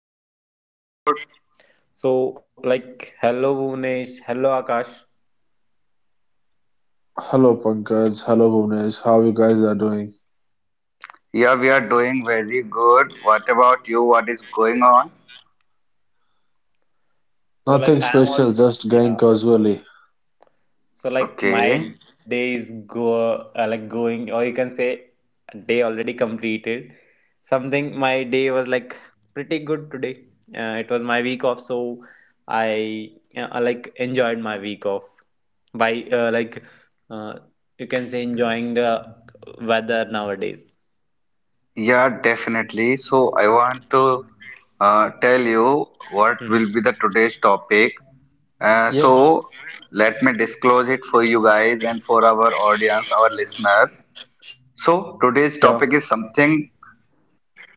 Another episode. So, like, hello Bhuvnesh, hello Akash. Hello Pankaj, hello Bhuvnesh, how you guys are doing? Yeah, we are doing very good. What about you? What is going on? So like Nothing I am all, special, just going yeah. casually. So like my Okay. day is go like going, or you can say day already completed. Something my day was like pretty good today. It was my week off, so I, like, enjoyed my week off by, uh, you can say, enjoying the weather nowadays. Yeah, definitely. So I want to tell you what Mhm. will be the today's topic. Uh, Yes, so let me disclose it for you guys and for our audience, our listeners. sure. So today's topic is something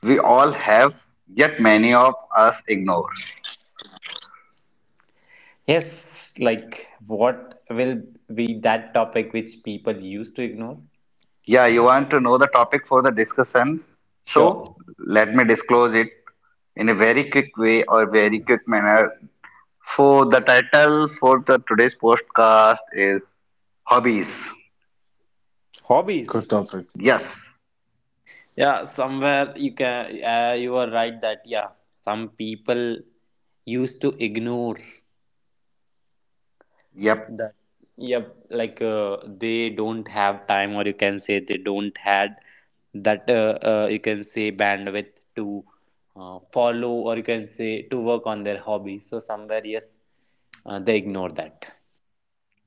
we all have, yet many of us ignore. Yes, like what will be that topic which people used to ignore? Yeah, you want to know the topic for the discussion. Sure. So let me disclose it in a very quick way or very quick manner. For the title for the today's podcast is Hobbies. Good Hobbies. topic. Yes. Yeah, somewhere you can, you are right that, yeah, some people used to ignore Yep. that. Yep, like they don't have time, or you can say they don't had that, you can say bandwidth to follow, or you can say to work on their hobby. So, somewhere, yes, they ignore that.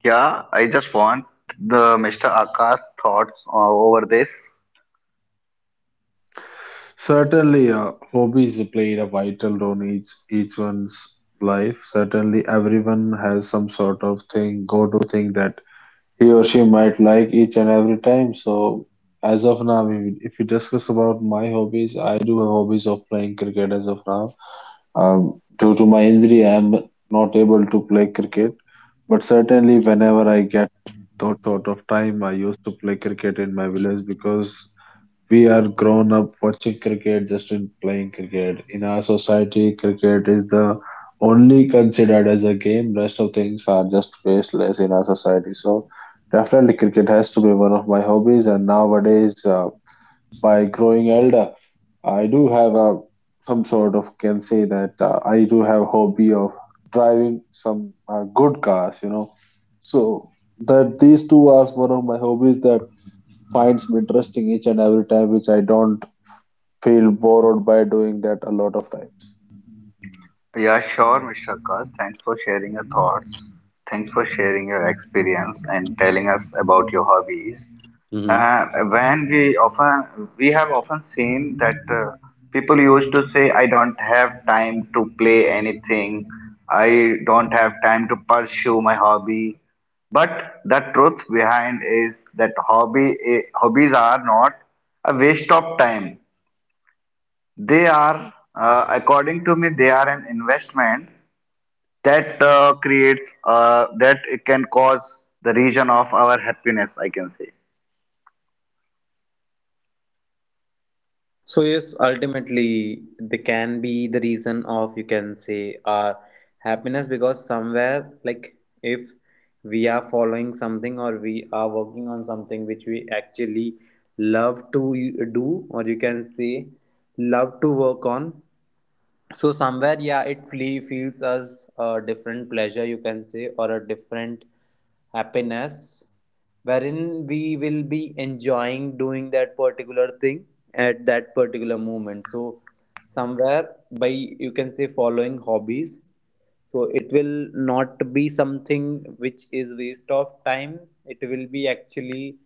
Yeah, I just want the Mr. Akash thoughts over this. Certainly, hobbies played a vital role in each one's life. Certainly, everyone has some sort of thing, go-to thing that he or she might like each and every time. So, as of now, if we discuss about my hobbies, I do have hobbies of playing cricket as of now. Due to my injury, I am not able to play cricket, but certainly whenever I get that sort of time, I used to play cricket in my village because we are grown up watching cricket just in playing cricket. In our society, cricket is the only considered as a game. Rest of things are just baseless in our society. So definitely cricket has to be one of my hobbies. And nowadays, by growing elder, I do have a some sort of can say that I do have hobby of driving some good cars, you know. So that these two are one of my hobbies that finds me interesting each and every time, which I don't feel bored by doing that a lot of times. Yeah, sure, Mr. Akash. Thanks for sharing your thoughts. Thanks for sharing your experience and telling us about your hobbies. Mhm. When we often we have often seen that people used to say, "I don't have time to play anything. I don't have time to pursue my hobby." But the truth behind is that hobbies are not a waste of time. They are, according to me, they are an investment that creates that it can cause the region of our happiness, I can say. So yes, ultimately they can be the reason of, you can say, our happiness, because somewhere like if we are following something or we are working on something which we actually love to do, or you can say love to work on. So somewhere, yeah, it feels as a different pleasure, you can say, or a different happiness wherein we will be enjoying doing that particular thing at that particular moment. So somewhere, by, you can say, following hobbies, so it will not be something which is waste of time. It will be actually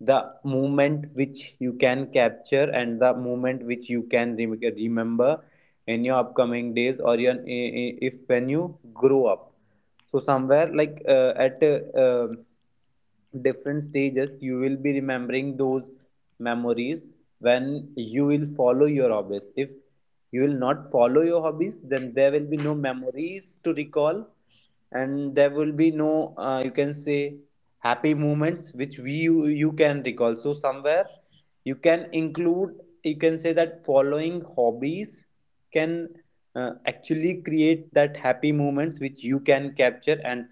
the moment which you can capture and the moment which you can remember in your upcoming days, or your, if when you grow up. So somewhere like, at um, different stages, you will be remembering those memories when you will follow your hobbies. If you will not follow your hobbies, then there will be no memories to recall, and there will be no, you can say, happy moments which we, you can recall. So somewhere you can include, you can say, that following hobbies can, actually, create that happy moments which you can capture and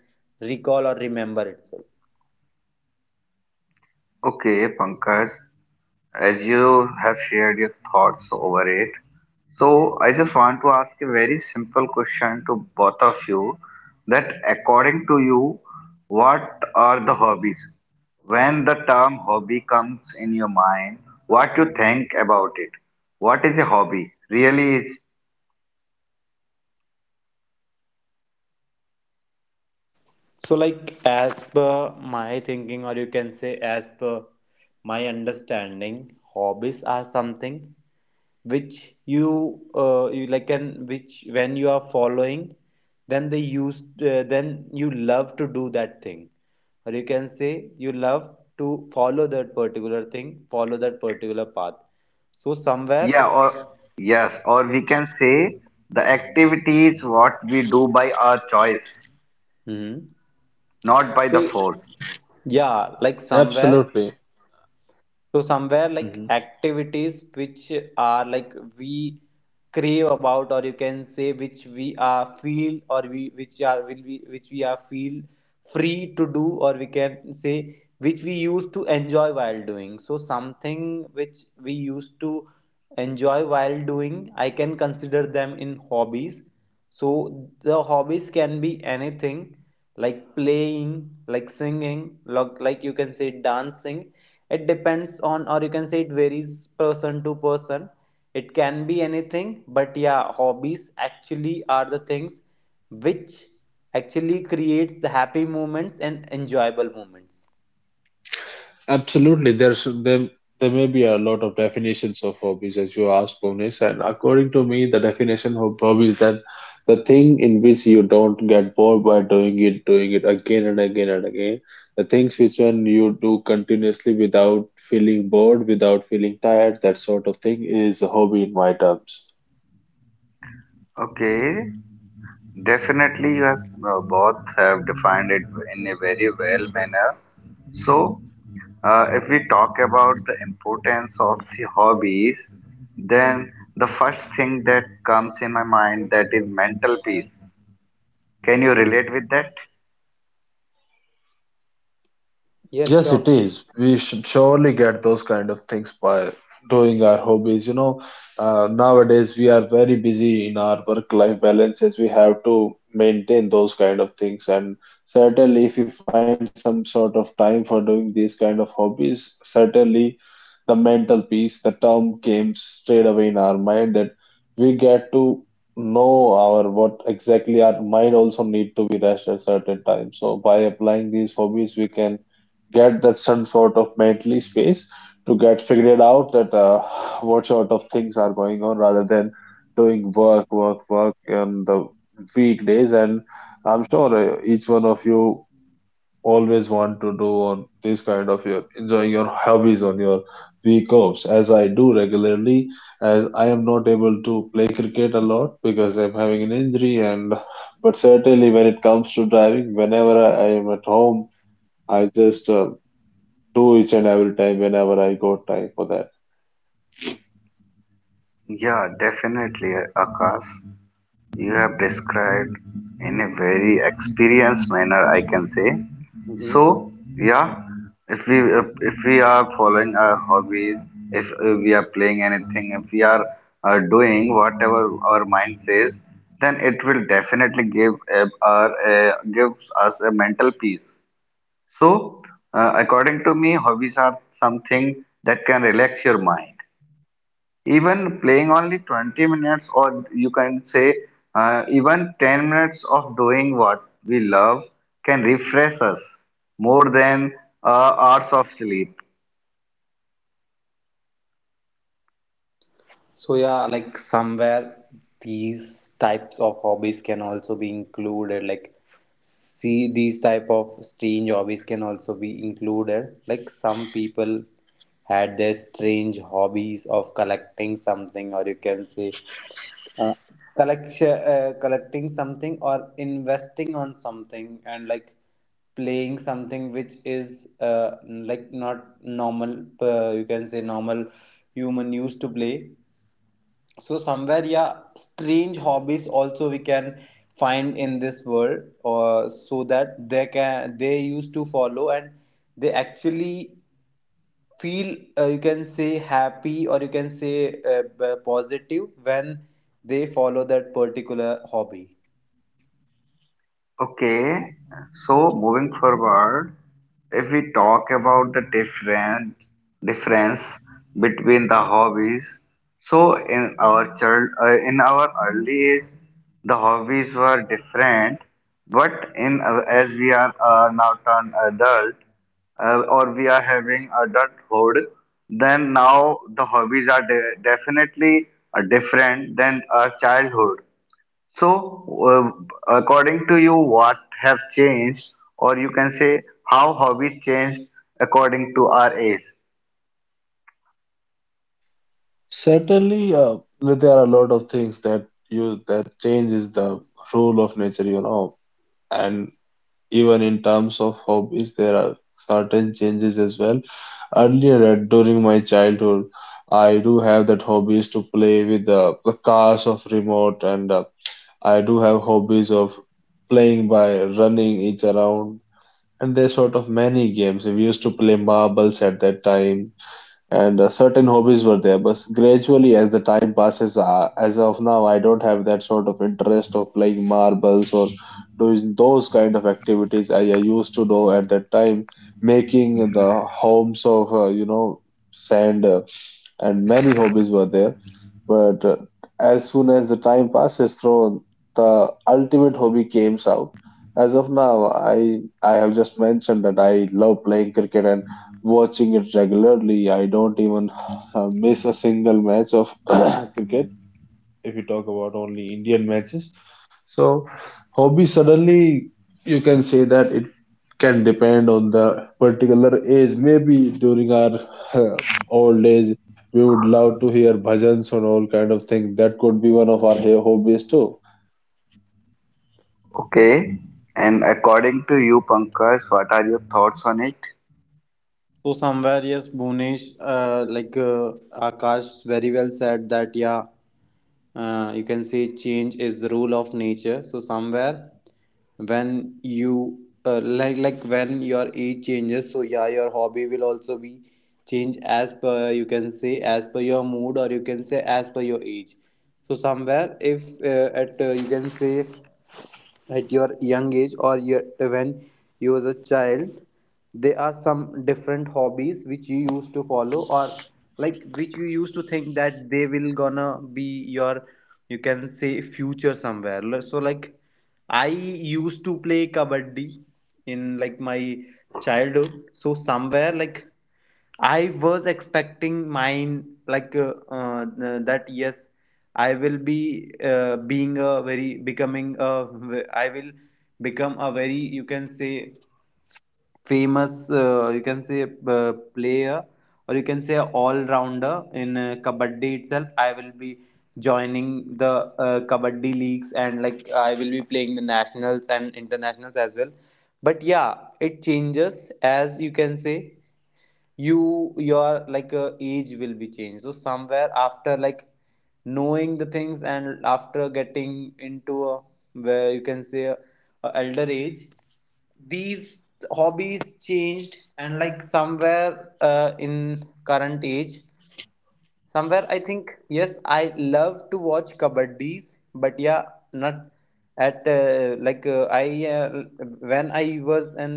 recall or remember itself. Okay, Pankaj, as you have shared your thoughts over it, so I just want to ask a very simple question to both of you that according to you, what are the hobbies? When the term hobby comes in your mind, what you think about it? What is a hobby? Really, So like, as per my thinking, or you can say as per my understanding, hobbies are something which you, you like can, which when you are following, then they use, then you love to do that thing, or you can say you love to follow that particular thing, follow that particular path. So yeah, somewhere. or yes, or we can say the activity is what we do by our choice, Mhm. not by the So force. yeah, like, somewhere. Absolutely. So somewhere like activities which are like we crave about, or you can say which we are feel, or we which are will we which we are feel free to do, or we can say which we used to enjoy while doing. So something which we used to enjoy while doing, I can consider them in hobbies. So the hobbies can be anything, like playing, like singing, like, you can say, dancing. It depends on, or you can say it varies person to person. It can be anything, but yeah, hobbies actually are the things which actually creates the happy moments and enjoyable moments. Absolutely, there may be a lot of definitions of hobbies as you asked, Bhuvnesh, and according to me, the definition of hobby is that the thing in which you don't get bored by doing it again and again and again, the things which when you do continuously without feeling bored, without feeling tired, that sort of thing is a hobby in my terms. Okay, definitely you have, both have defined it in a very well manner. So, if we talk about the importance of the hobbies, then the first thing that comes in my mind that is mental peace. Can you relate with that? Yes, Yes, it sure. is. We should surely get those kind of things by doing our hobbies. You know, nowadays we are very busy in our work-life balances. We have to maintain those kind of things, and certainly, if we find some sort of time for doing these kind of hobbies, certainly the mental peace, the term came straight away in our mind that we get to know our what exactly our mind also need to be rest at certain times. So by applying these hobbies, we can get that some sort of mentally space to get figured out that what sort of things are going on rather than doing work, work, work on the weekdays. And I'm sure each one of you always want to do on this kind of your enjoying your hobbies on your week offs as I do regularly as I am not able to play cricket a lot because I'm having an injury and but certainly when it comes to driving whenever I am at home I just do each and every time whenever I got time for that. Yeah, definitely, Akash. You have described in a very experienced manner, I can say. Mhm. So, yeah, if, we are following our hobbies, if we are playing anything, if we are doing whatever our mind says, then it will definitely gives us a mental peace. So, according to me, hobbies are something that can relax your mind even playing only 20 minutes or you can say even 10 minutes of doing what we love can refresh us more than hours of sleep. So yeah, like, somewhere these types of hobbies can also be included. Like, see, these type of strange hobbies can also be included. Like, some people had their strange hobbies of collecting something, or you can say, uh, collection collecting something, or investing on something, and like playing something which is, like, not normal, you can say, normal human used to play. So somewhere, yeah, strange hobbies also we can find in this world, so that they can, they used to follow, and they actually feel, you can say, happy, or you can say, positive when they follow that particular hobby. Okay, so moving forward, if we talk about the different difference between the hobbies, so in our in our early age, the hobbies were different, but in as we are now turned adult, or we are having adulthood, then now the hobbies are definitely different than our childhood. So, according to you, what have changed, or you can say how hobbies changed according to our age? Certainly, there are a lot of things that you that changes the rule of nature, you know, and even in terms of hobbies, there are certain changes as well. Earlier, during my childhood, I do have that hobbies to play with the cars of remote, and I do have hobbies of playing by running each around, and there's sort of many games. We used to play marbles at that time and certain hobbies were there but gradually as the time passes as of now I don't have that sort of interest of playing marbles or doing those kind of activities I used to do at that time making the homes of you know sand and many hobbies were there but as soon as the time passes, through the ultimate hobby came out. As of now, I have just mentioned that I love playing cricket and watching it regularly. I don't even miss a single match of cricket if you talk about only Indian matches. So, hobby suddenly you can say that it can depend on the particular age. Maybe during our uh, old age, we would love to hear bhajans and all kind of thing. That could be one of our hobbies too. Okay. And according to you, Pankaj, what are your thoughts on it? So somewhere, yes, Bhunesh, uh, like uh, Akash very well said that, yeah, you can say change is the rule of nature. So somewhere when you, when your age changes, so yeah, your hobby will also be change as per, you can say, as per your mood, or you can say as per your age. So somewhere if, at you can say, at your young age, or your, when you was a child, there are some different hobbies which you used to follow, or like which you used to think that they will gonna be your, you can say, future somewhere. So like I used to play kabaddi in, like, my childhood. So somewhere like I was expecting mine, like, that, yes, I will be, being a very becoming a. I will become a very, you can say, famous, you can say, player, or you can say all rounder in, kabaddi itself. I will be joining the, kabaddi leagues, and like I will be playing the nationals and internationals as well. But yeah, it changes as, you can say, you, your, like, age will be changed. So somewhere after, like, knowing the things and after getting into a, where, you can say, a elder age, these hobbies changed, and like somewhere, in current age. Somewhere I think yes, I love to watch kabaddis, but yeah, not at, like I when I was a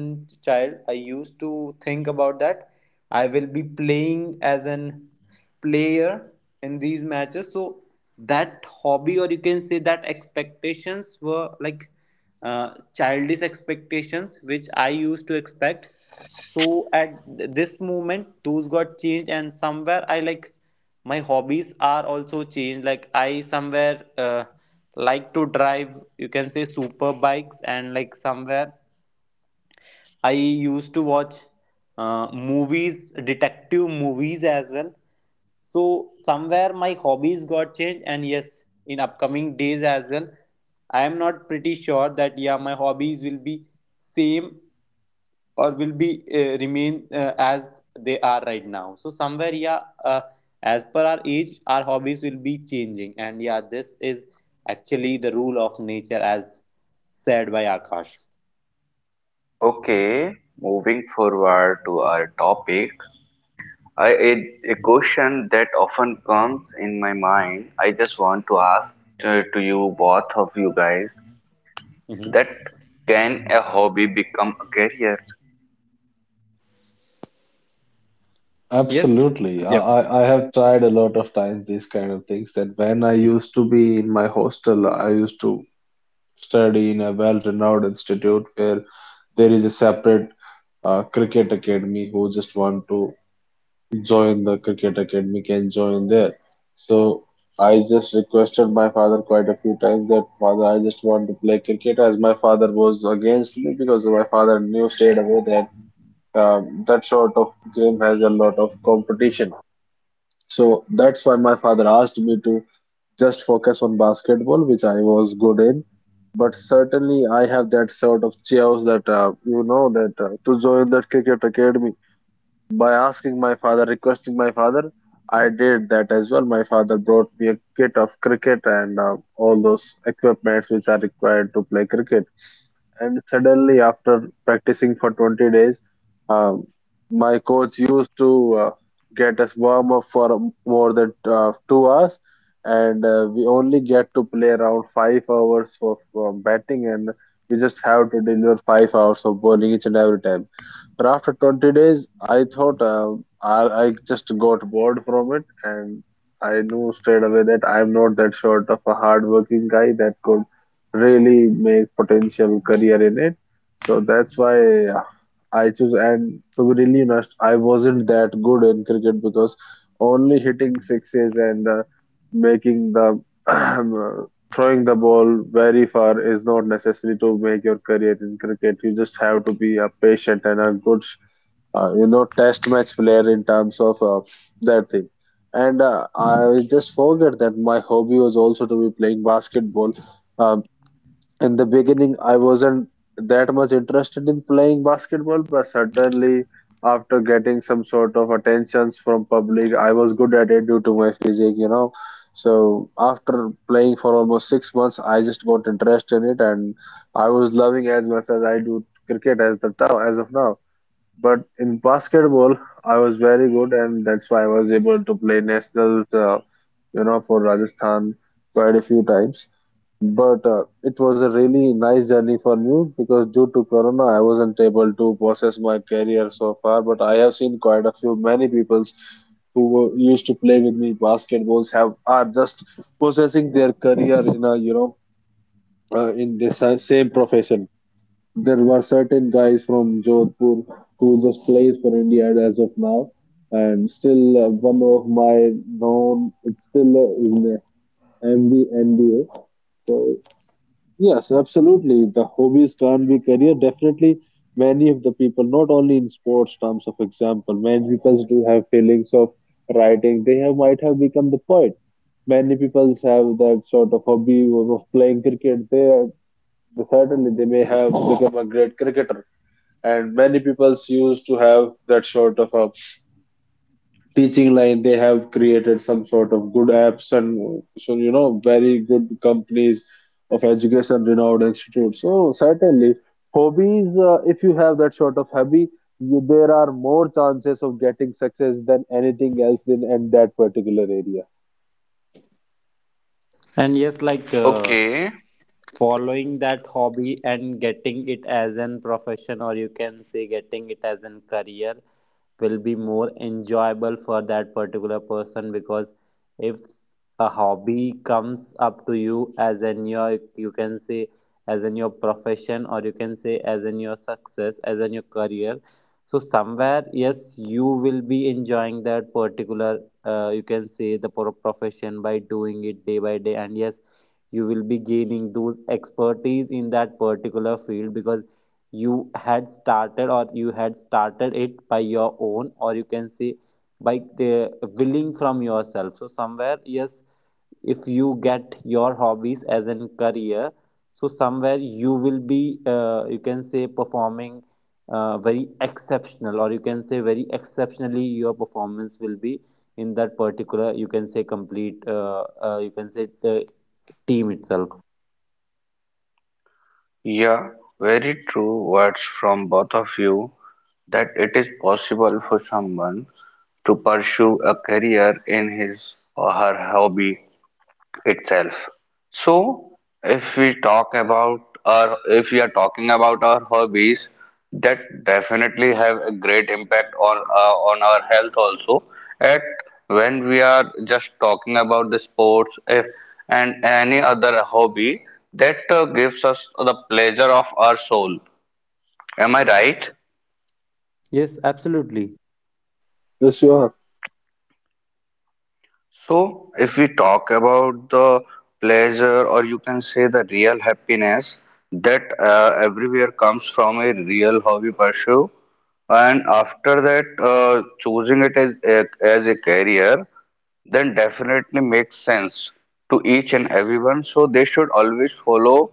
child, I used to think about that. I will be playing as an player in these matches, so that hobby, or you can say that expectations were, like, childish expectations which I used to expect. So at this moment, those got changed, and somewhere I, like, my hobbies are also changed. Like I, somewhere, like to drive, you can say, super bikes, and like somewhere I used to watch, movies, detective movies as well. So somewhere my hobbies got changed, and yes, in upcoming days as well, I am not pretty sure that, yeah, my hobbies will be same or will be, remain, as they are right now. So somewhere, yeah, as per our age our hobbies will be changing, and yeah, this is actually the rule of nature, as said by Akash. Okay, moving forward to our topic, I, a, a question that often comes in my mind. I just want to ask to you, both of you guys, Mhm. that can a hobby become a career? Yes. Absolutely. Yep. I have tried a lot of times these kind of things that when I used to be in my hostel, I used to study in a well-renowned institute where there is a separate cricket academy who just want to join the cricket academy can join there. So I just requested my father quite a few times that father I just want to play cricket as my father was against me because my father knew straight away that that sort of game has a lot of competition. So that's why my father asked me to just focus on basketball, which I was good in. But certainly, I have that sort of chaos that you know that to join that cricket academy by asking my father, requesting my father, I did that as well. My father brought me a kit of cricket and all those equipments which are required to play cricket. And suddenly, after practicing for 20 days, um, my coach used to get us warm up for more than 2 hours, and we only get to play around 5 hours of batting, and we just have to deliver 5 hours of bowling each and every time. But after 20 days, I thought I just got bored from it, and I knew straight away that I'm not that sort of a hardworking guy that could really make potential career in it. So that's why I choose. And to be really honest, I wasn't that good in cricket because only hitting sixes and making the throwing the ball very far is not necessary to make your career in cricket. You just have to be a patient and a good you know test match player in terms of that thing and I just forget that my hobby was also to be playing basketball. Um, in the beginning, I wasn't that much interested in playing basketball, but certainly after getting some sort of attentions from public, I was good at it due to my physique, you know. So after playing for almost 6 months, I just got interest in it, and I was loving as much as I do cricket as the now as of now. But in basketball, I was very good, and that's why I was able to play nationals, you know, for Rajasthan quite a few times. But it was a really nice journey for me because due to Corona, I wasn't able to process my career so far. But I have seen quite a few many peoples who were, used to play with me basketballs have are just processing their career in a you know in the same profession. There were certain guys from Jodhpur who just plays for India as of now, and still one of my known it's still in the MB. Yes, absolutely. The hobbies can't be career. Definitely, many of the people, not only in sports terms of example, many people do have feelings of writing. They have might have become the poet. Many people have that sort of hobby of playing cricket. They are, certainly they may have become a great cricketer. And many people used to have that sort of a teaching line they have created some sort of good apps and so you know very good companies of education renowned institutes so certainly hobbies if you have that sort of hobby you, there are more chances of getting success than anything else in that particular area. Following that hobby and getting it as an profession, or you can say getting it as an career, will be more enjoyable for that particular person, because if a hobby comes up to you as in your, you can say, as in your profession, or you can say as in your success, as in your career, so somewhere yes you will be enjoying that particular, you can say, the profession by doing it day by day, and yes you will be gaining those expertise in that particular field, because you had started, or you had started it by your own, or you can say by, willing from yourself. So somewhere yes, if you get your hobbies as a career, so somewhere you will be, you can say, performing, very exceptional, or you can say very exceptionally. Your performance will be in that particular, you can say, complete, you can say, team itself. Yeah, very true words from both of you that it is possible for someone to pursue a career in his or her hobby itself. So, if we talk about or if we are talking about our hobbies, that definitely have a great impact on our health also. At when we are just talking about the sports, if and any other hobby that gives us the pleasure of our soul. Am I right? Yes, absolutely. Yes, sure. So, if we talk about the pleasure, or you can say the real happiness that everywhere comes from a real hobby pursuit, and after that, choosing it as a career, then definitely makes sense to each and everyone. So, they should always follow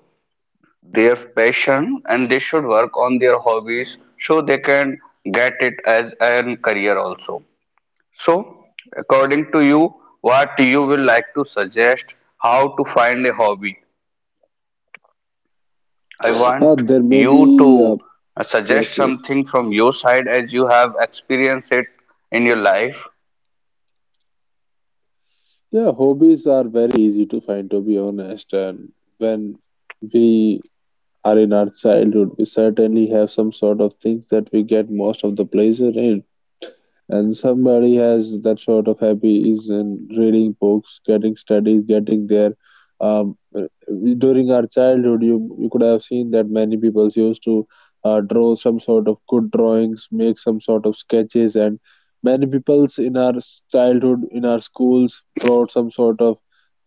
their passion and they should work on their hobbies so they can get it as a career also. So, according to you, what you will like to suggest how to find a hobby? I want There may you be to suggest yes, yes, something from your side as you have experienced it in your life. yeah hobbies are very easy to find to be honest and when we are in our childhood. We certainly have some sort of things that we get most of the pleasure in. And somebody has that sort of happy is in reading books, getting studies, getting there. Um, uh, During our childhood, you could have seen that many people used to draw some sort of good drawings, make some sort of sketches, and many people's in our childhood, in our schools, brought some sort of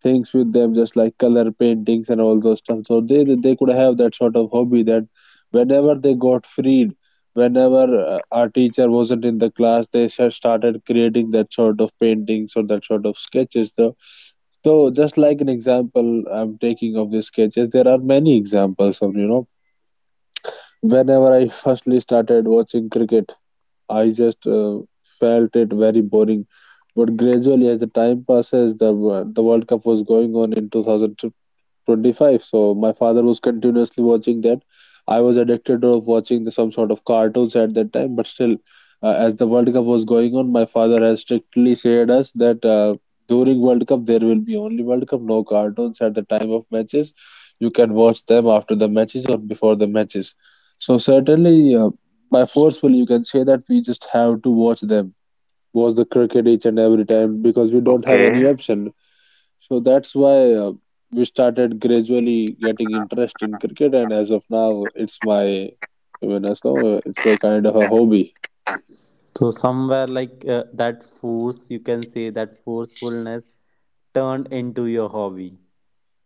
things with them, just like color paintings and all those stuff. So they could have that sort of hobby that whenever they got freed, whenever our teacher wasn't in the class, they started creating that sort of paintings or that sort of sketches though. So just like an example, I'm taking of these sketches, there are many examples of whenever I firstly started watching cricket, I just felt it very boring. But gradually, as the time passes, the the world cup was going on in 2000 25, so my father was continuously watching that. I was addicted of watching the some sort of cartoons at that time, but still, as the world cup was going on, my father has strictly said us that during world cup there will be only world cup, no cartoons at the time of matches. You can watch them after the matches or before the matches. So certainly, by forcefully you can say that we just have to watch them, watch the cricket each and every time, because we don't have Okay. any option. So that's why, we started gradually getting interest in cricket, and as of now, it's as now, it's my kind of a hobby. So somewhere like, that force, you can say that forcefulness turned into your hobby.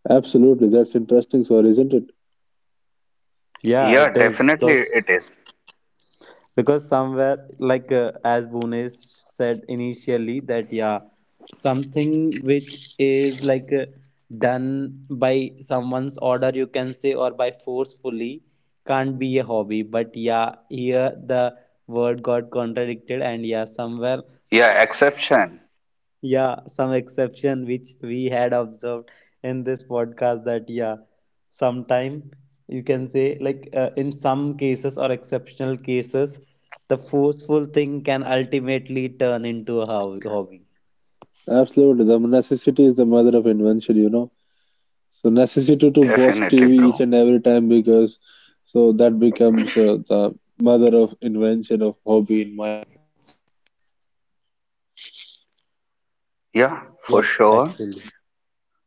Absolutely, that's interesting, so isn't it? Yeah, it Yeah, is definitely because it is. because somewhere like, as Bhunesh said initially that, yeah, something which is, like, done by someone's order, you can say, or by forcefully, can't be a hobby. But yeah, here the word got contradicted, and yeah, somewhere, Yeah, exception. yeah, some exception which we had observed in this podcast, that yeah, sometime, you can say, like, in some cases, or exceptional cases, the forceful thing can ultimately turn into a hobby. Absolutely, the necessity is the mother of invention, you know. So necessity to watch Definitely, TV each bro. and every time because so that becomes the mother of invention of hobby in my. Yeah, for Yep. sure. Actually.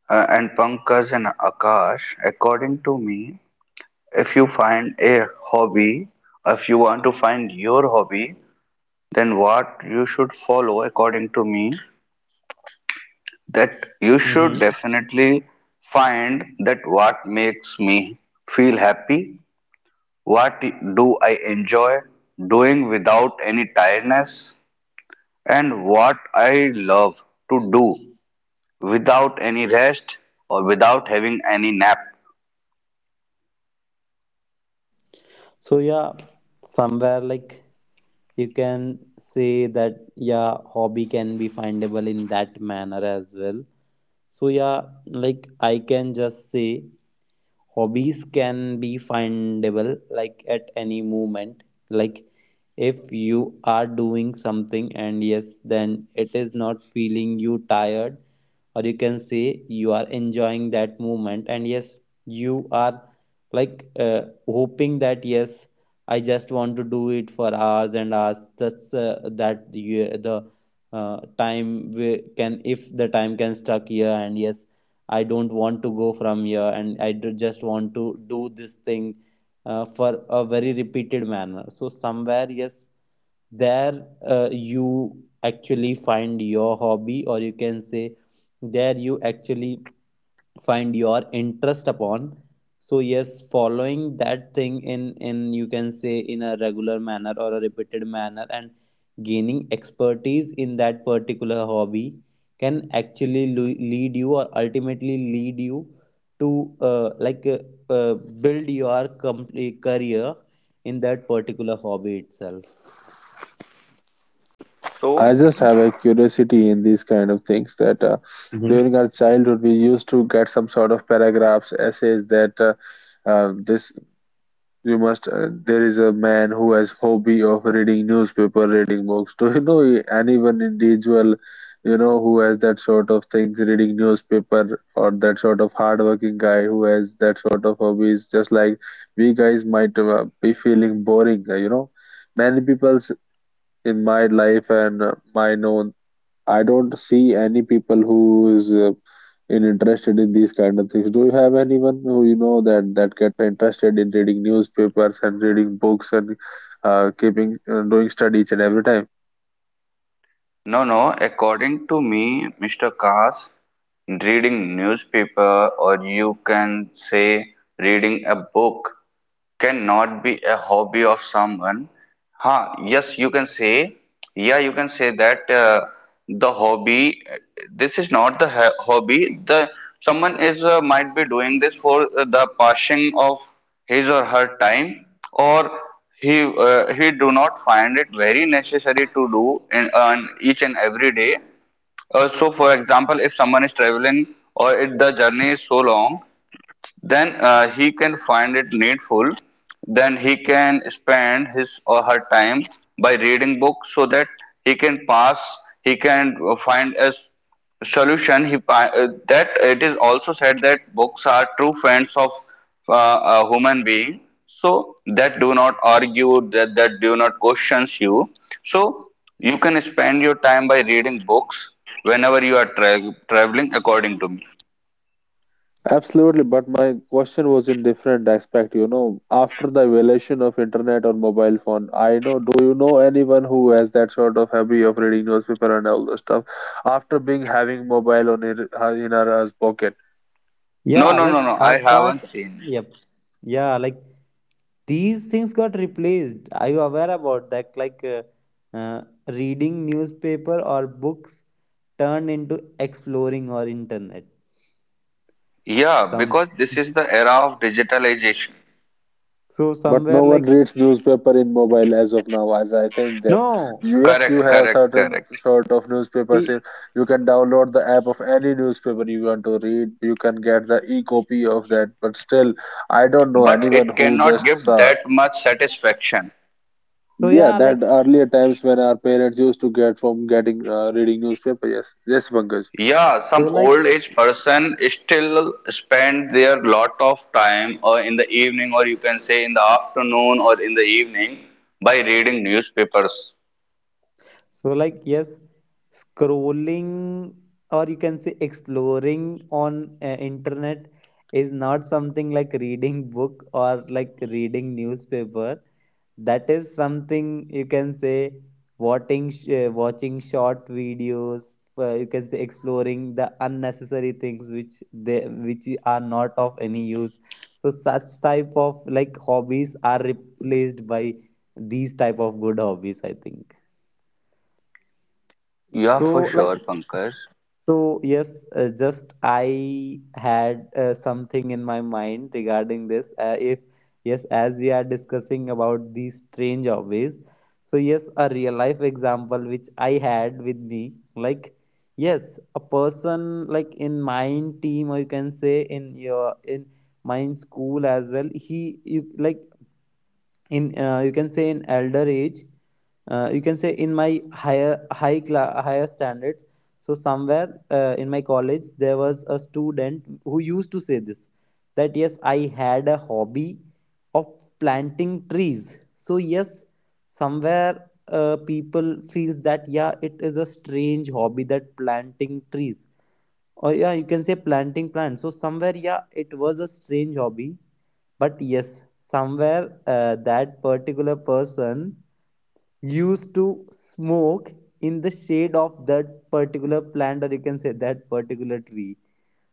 And Pankaj and Akash, according to me, if you find a hobby, if you want to find your hobby, then what you should follow according to me that you should Mm-hmm. definitely find that what makes me feel happy, what do I enjoy doing without any tiredness, and what I love to do without any rest or without having any nap. So yeah, somewhere like, you can say that yeah, hobby can be findable in that manner as well. So yeah, like I can just say hobbies can be findable like at any moment. Like if you are doing something and yes, then it is not feeling you tired, or you can say you are enjoying that moment, and yes, you are like, hoping that, yes, I just want to do it for hours and hours. That's, that you, the, time we can, if the time can stuck here, and yes, I don't want to go from here, and I just want to do this thing, for a very repeated manner. So, somewhere, yes, there, you actually find your hobby, or you can say, there you actually find your interest upon. So yes, following that thing in, you can say, in a regular manner or a repeated manner, and gaining expertise in that particular hobby can actually lead you, or ultimately lead you to, uh, like uh, uh, build your complete career in that particular hobby itself. I just have a So, curiosity in these kind of things that during our childhood we used to get some sort of paragraphs, essays that this you must there is a man who has hobby of reading newspaper, reading books. Do you know anyone individual, you know, who has that sort of things, reading newspaper, or that sort of hardworking guy who has that sort of hobbies? Just like we guys might be feeling boring, you know. Many people's in my life and my known, I don't see any people who is in interested in these kind of things. Do you have anyone who you know that get interested in reading newspapers and reading books and keeping doing study each and every time? no, no, according to me, Mr. Kaas, reading newspaper or you can say reading a book cannot be a hobby of someone. Huh, yes, you can say, yeah, you can say that the hobby, this is not the hobby. The someone is might be doing this for the passing of his or her time, or he do not find it very necessary to do in on each and every day. So, for example, if someone is traveling or if the journey is so long, then he can find it needful, then he can spend his or her time by reading books so that he can pass he can find a solution. He That it is also said that books are true friends of uh, a human being, so that do not argue, that do not questions you. So you can spend your time by reading books whenever you are traveling, according to me. Absolutely, but my question was in different aspect. You know, after the evolution of internet or mobile phone, I know, do you know anyone who has that sort of hobby of reading newspaper and all the stuff after being having mobile on in our pocket? No, Yeah, no, no, like no, I Akash. haven't seen. Yep. Yeah, like these things got replaced. Are you aware about that? Like, reading newspaper or books turned into exploring or internet. Yeah, Some because this is the era of digitalization. So But somewhere no one like. reads newspaper in mobile as of now, as I think that No. you- yes, you Correct, have correct, certain correct. sort of newspapers. it- In- you can download the app of any newspaper you want to read. You can get the e-copy of that. But still, I don't know But anyone it who cannot just give saw. that much satisfaction. so Yeah, yeah, like. that earlier times when our parents used to get from getting reading newspaper. Yes, yes, Pankaj. Yeah, some So like. old age person still spend their lot of time, or in the evening, or you can say in the afternoon or in the evening, by reading newspapers. So like yes, scrolling, or you can say exploring on, internet, is not something like reading book or like reading newspaper. That is something, you can say, watching short videos, you can say, exploring the unnecessary things which they, which are not of any use. So such type of, like, hobbies are replaced by these type of good hobbies, I think. Yeah, for So, like, sure, Pankaj. so yes, just I had, something in my mind regarding this. If yes, as we are discussing about these strange hobbies, so yes, a real life example which I had with me, like, yes, a person like in mine team, or you can say in your, in mine school as well. He, you like, in, you can say, in elder age, you can say, in my higher high higher standards. So somewhere, in my college there was a student who used to say this, that yes, I had a hobby of planting trees. So yes, somewhere, people feels that yeah, it is a strange hobby, that planting trees, or yeah, you can say planting plants. So somewhere, yeah, it was a strange hobby, but yes, somewhere, that particular person used to smoke in the shade of that particular plant, or you can say that particular tree.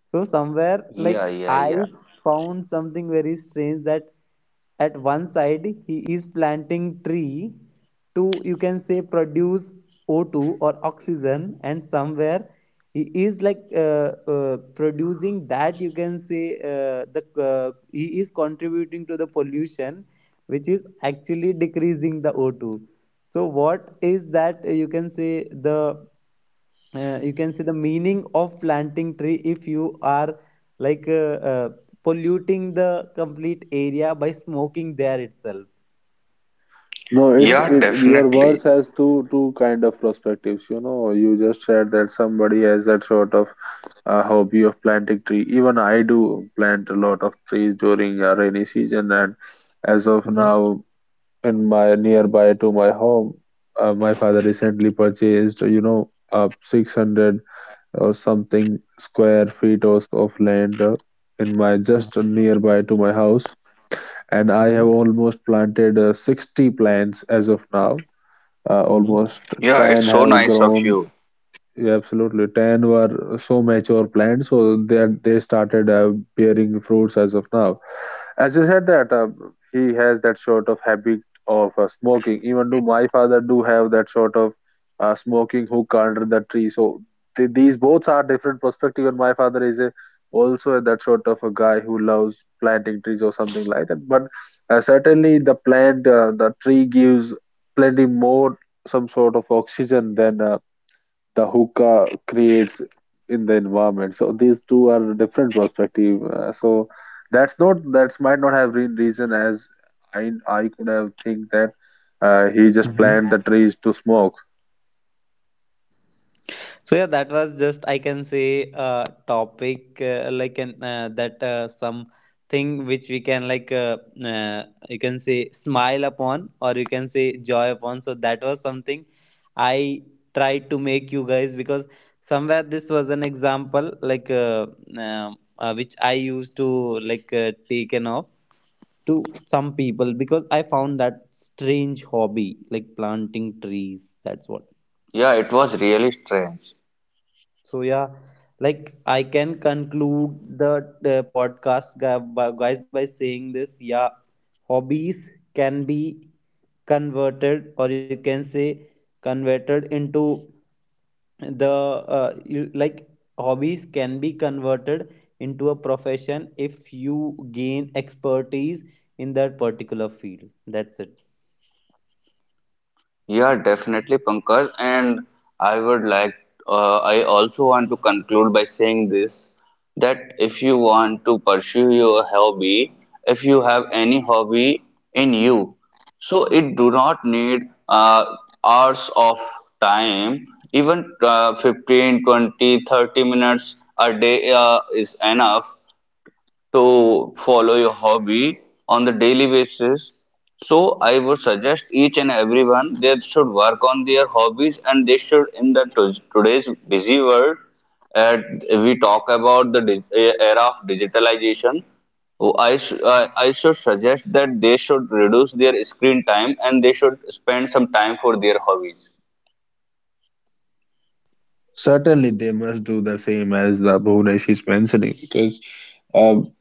So somewhere Yeah, like yeah, I yeah. found something very strange, that at one side he is planting tree to, you can say, produce O2 or oxygen, and somewhere he is, like, producing that, you can say, the he is contributing to the pollution, which is actually decreasing the O2. So what is that, you can say, the, you can see the meaning of planting tree if you are, like, polluting the complete area by smoking there itself. No, so, it's Yeah, it. so- Your words definitely. has two kind of perspectives. You know, you just said that somebody has that sort of hobby of planting tree. Even I do plant a lot of trees during rainy season, and as of Mhm, now, in my nearby to my home, my father recently purchased, you know, 600 or something square feet or s- of land in my just nearby to my house, and I have mhm, almost planted 60 plants as of now, mhm. almost Yeah, it's ten so have nice of grown. you. Yeah, absolutely. Ten were so mature plants, so they started bearing fruits as of now. As you said that he has that sort of habit of smoking. Even though my father do have that sort of smoking hook under the tree. So these both are different perspective. And my father is a also that sort of a guy who loves planting trees or something like that. But certainly the tree gives plenty more some sort of oxygen than. The hookah creates in the environment. So these two are different perspective. So that's not that's might not have been reason as I could have think that he just planted the Mhm. trees to smoke. So yeah, that was just, I can say, topic, like an, that, some thing which we can, like, uh, you can say, smile upon, or you can say joy upon. So that was something I tried to make you guys, because somewhere this was an example like, um, which I used to, like, taken off to some people, because I found that strange hobby, like planting trees. That's what. Yeah, it was really strange. So yeah, like I can conclude the guys, by saying this. Yeah, hobbies can be converted, or you can say converted into the, like, hobbies can be converted into a profession if you gain expertise in that particular field. That's it. Yeah, definitely, Pankaj. And I would like, I also want to conclude by saying this, that if you want to pursue your hobby, if you have any hobby in you, so it do not need uh, hours of time. Even 15, 20, 30 minutes a day is enough to follow your hobby on the daily basis. So I would suggest each and everyone they should work on their hobbies, and they should in the today's busy world. At we talk about the era of digitalization. Oh, I, sh- I should suggest that they should reduce their screen time and they should spend some time for their hobbies. Certainly, they must do the same as the Bhunesh is mentioning because um,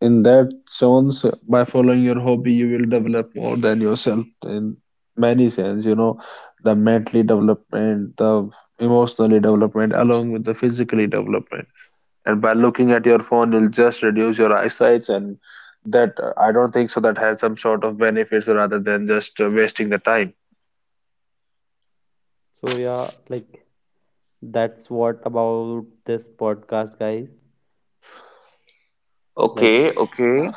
in that sense, by following your hobby, you will develop more than yourself in many sense. You know, the mentally development, the emotionally development, along with the physically development. And by looking at your phone you'll just reduce your eyesight, and that I don't think so that has some sort of benefits rather than just wasting the time. So yeah, like that's what about this podcast, guys. Like. Okay, okay.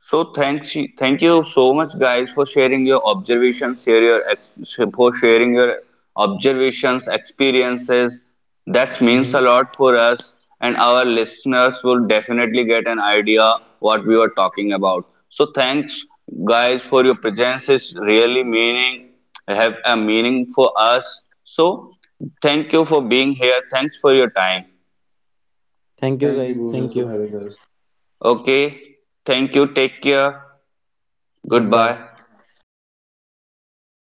So thanks, thank you so much, guys, for sharing your observations, share your ex for sharing your observations, experiences. That means Hmm. a lot for us, and our listeners will definitely get an idea what we were talking about. So thanks, guys, for your presence. It's really meaning Have a meaning for us. So thank you for being here. Thanks for your time. Thank you, Bhuvanesh, for having us. Thank you, guys. Thank you. Okay, thank you. Take care. Goodbye. Goodbye.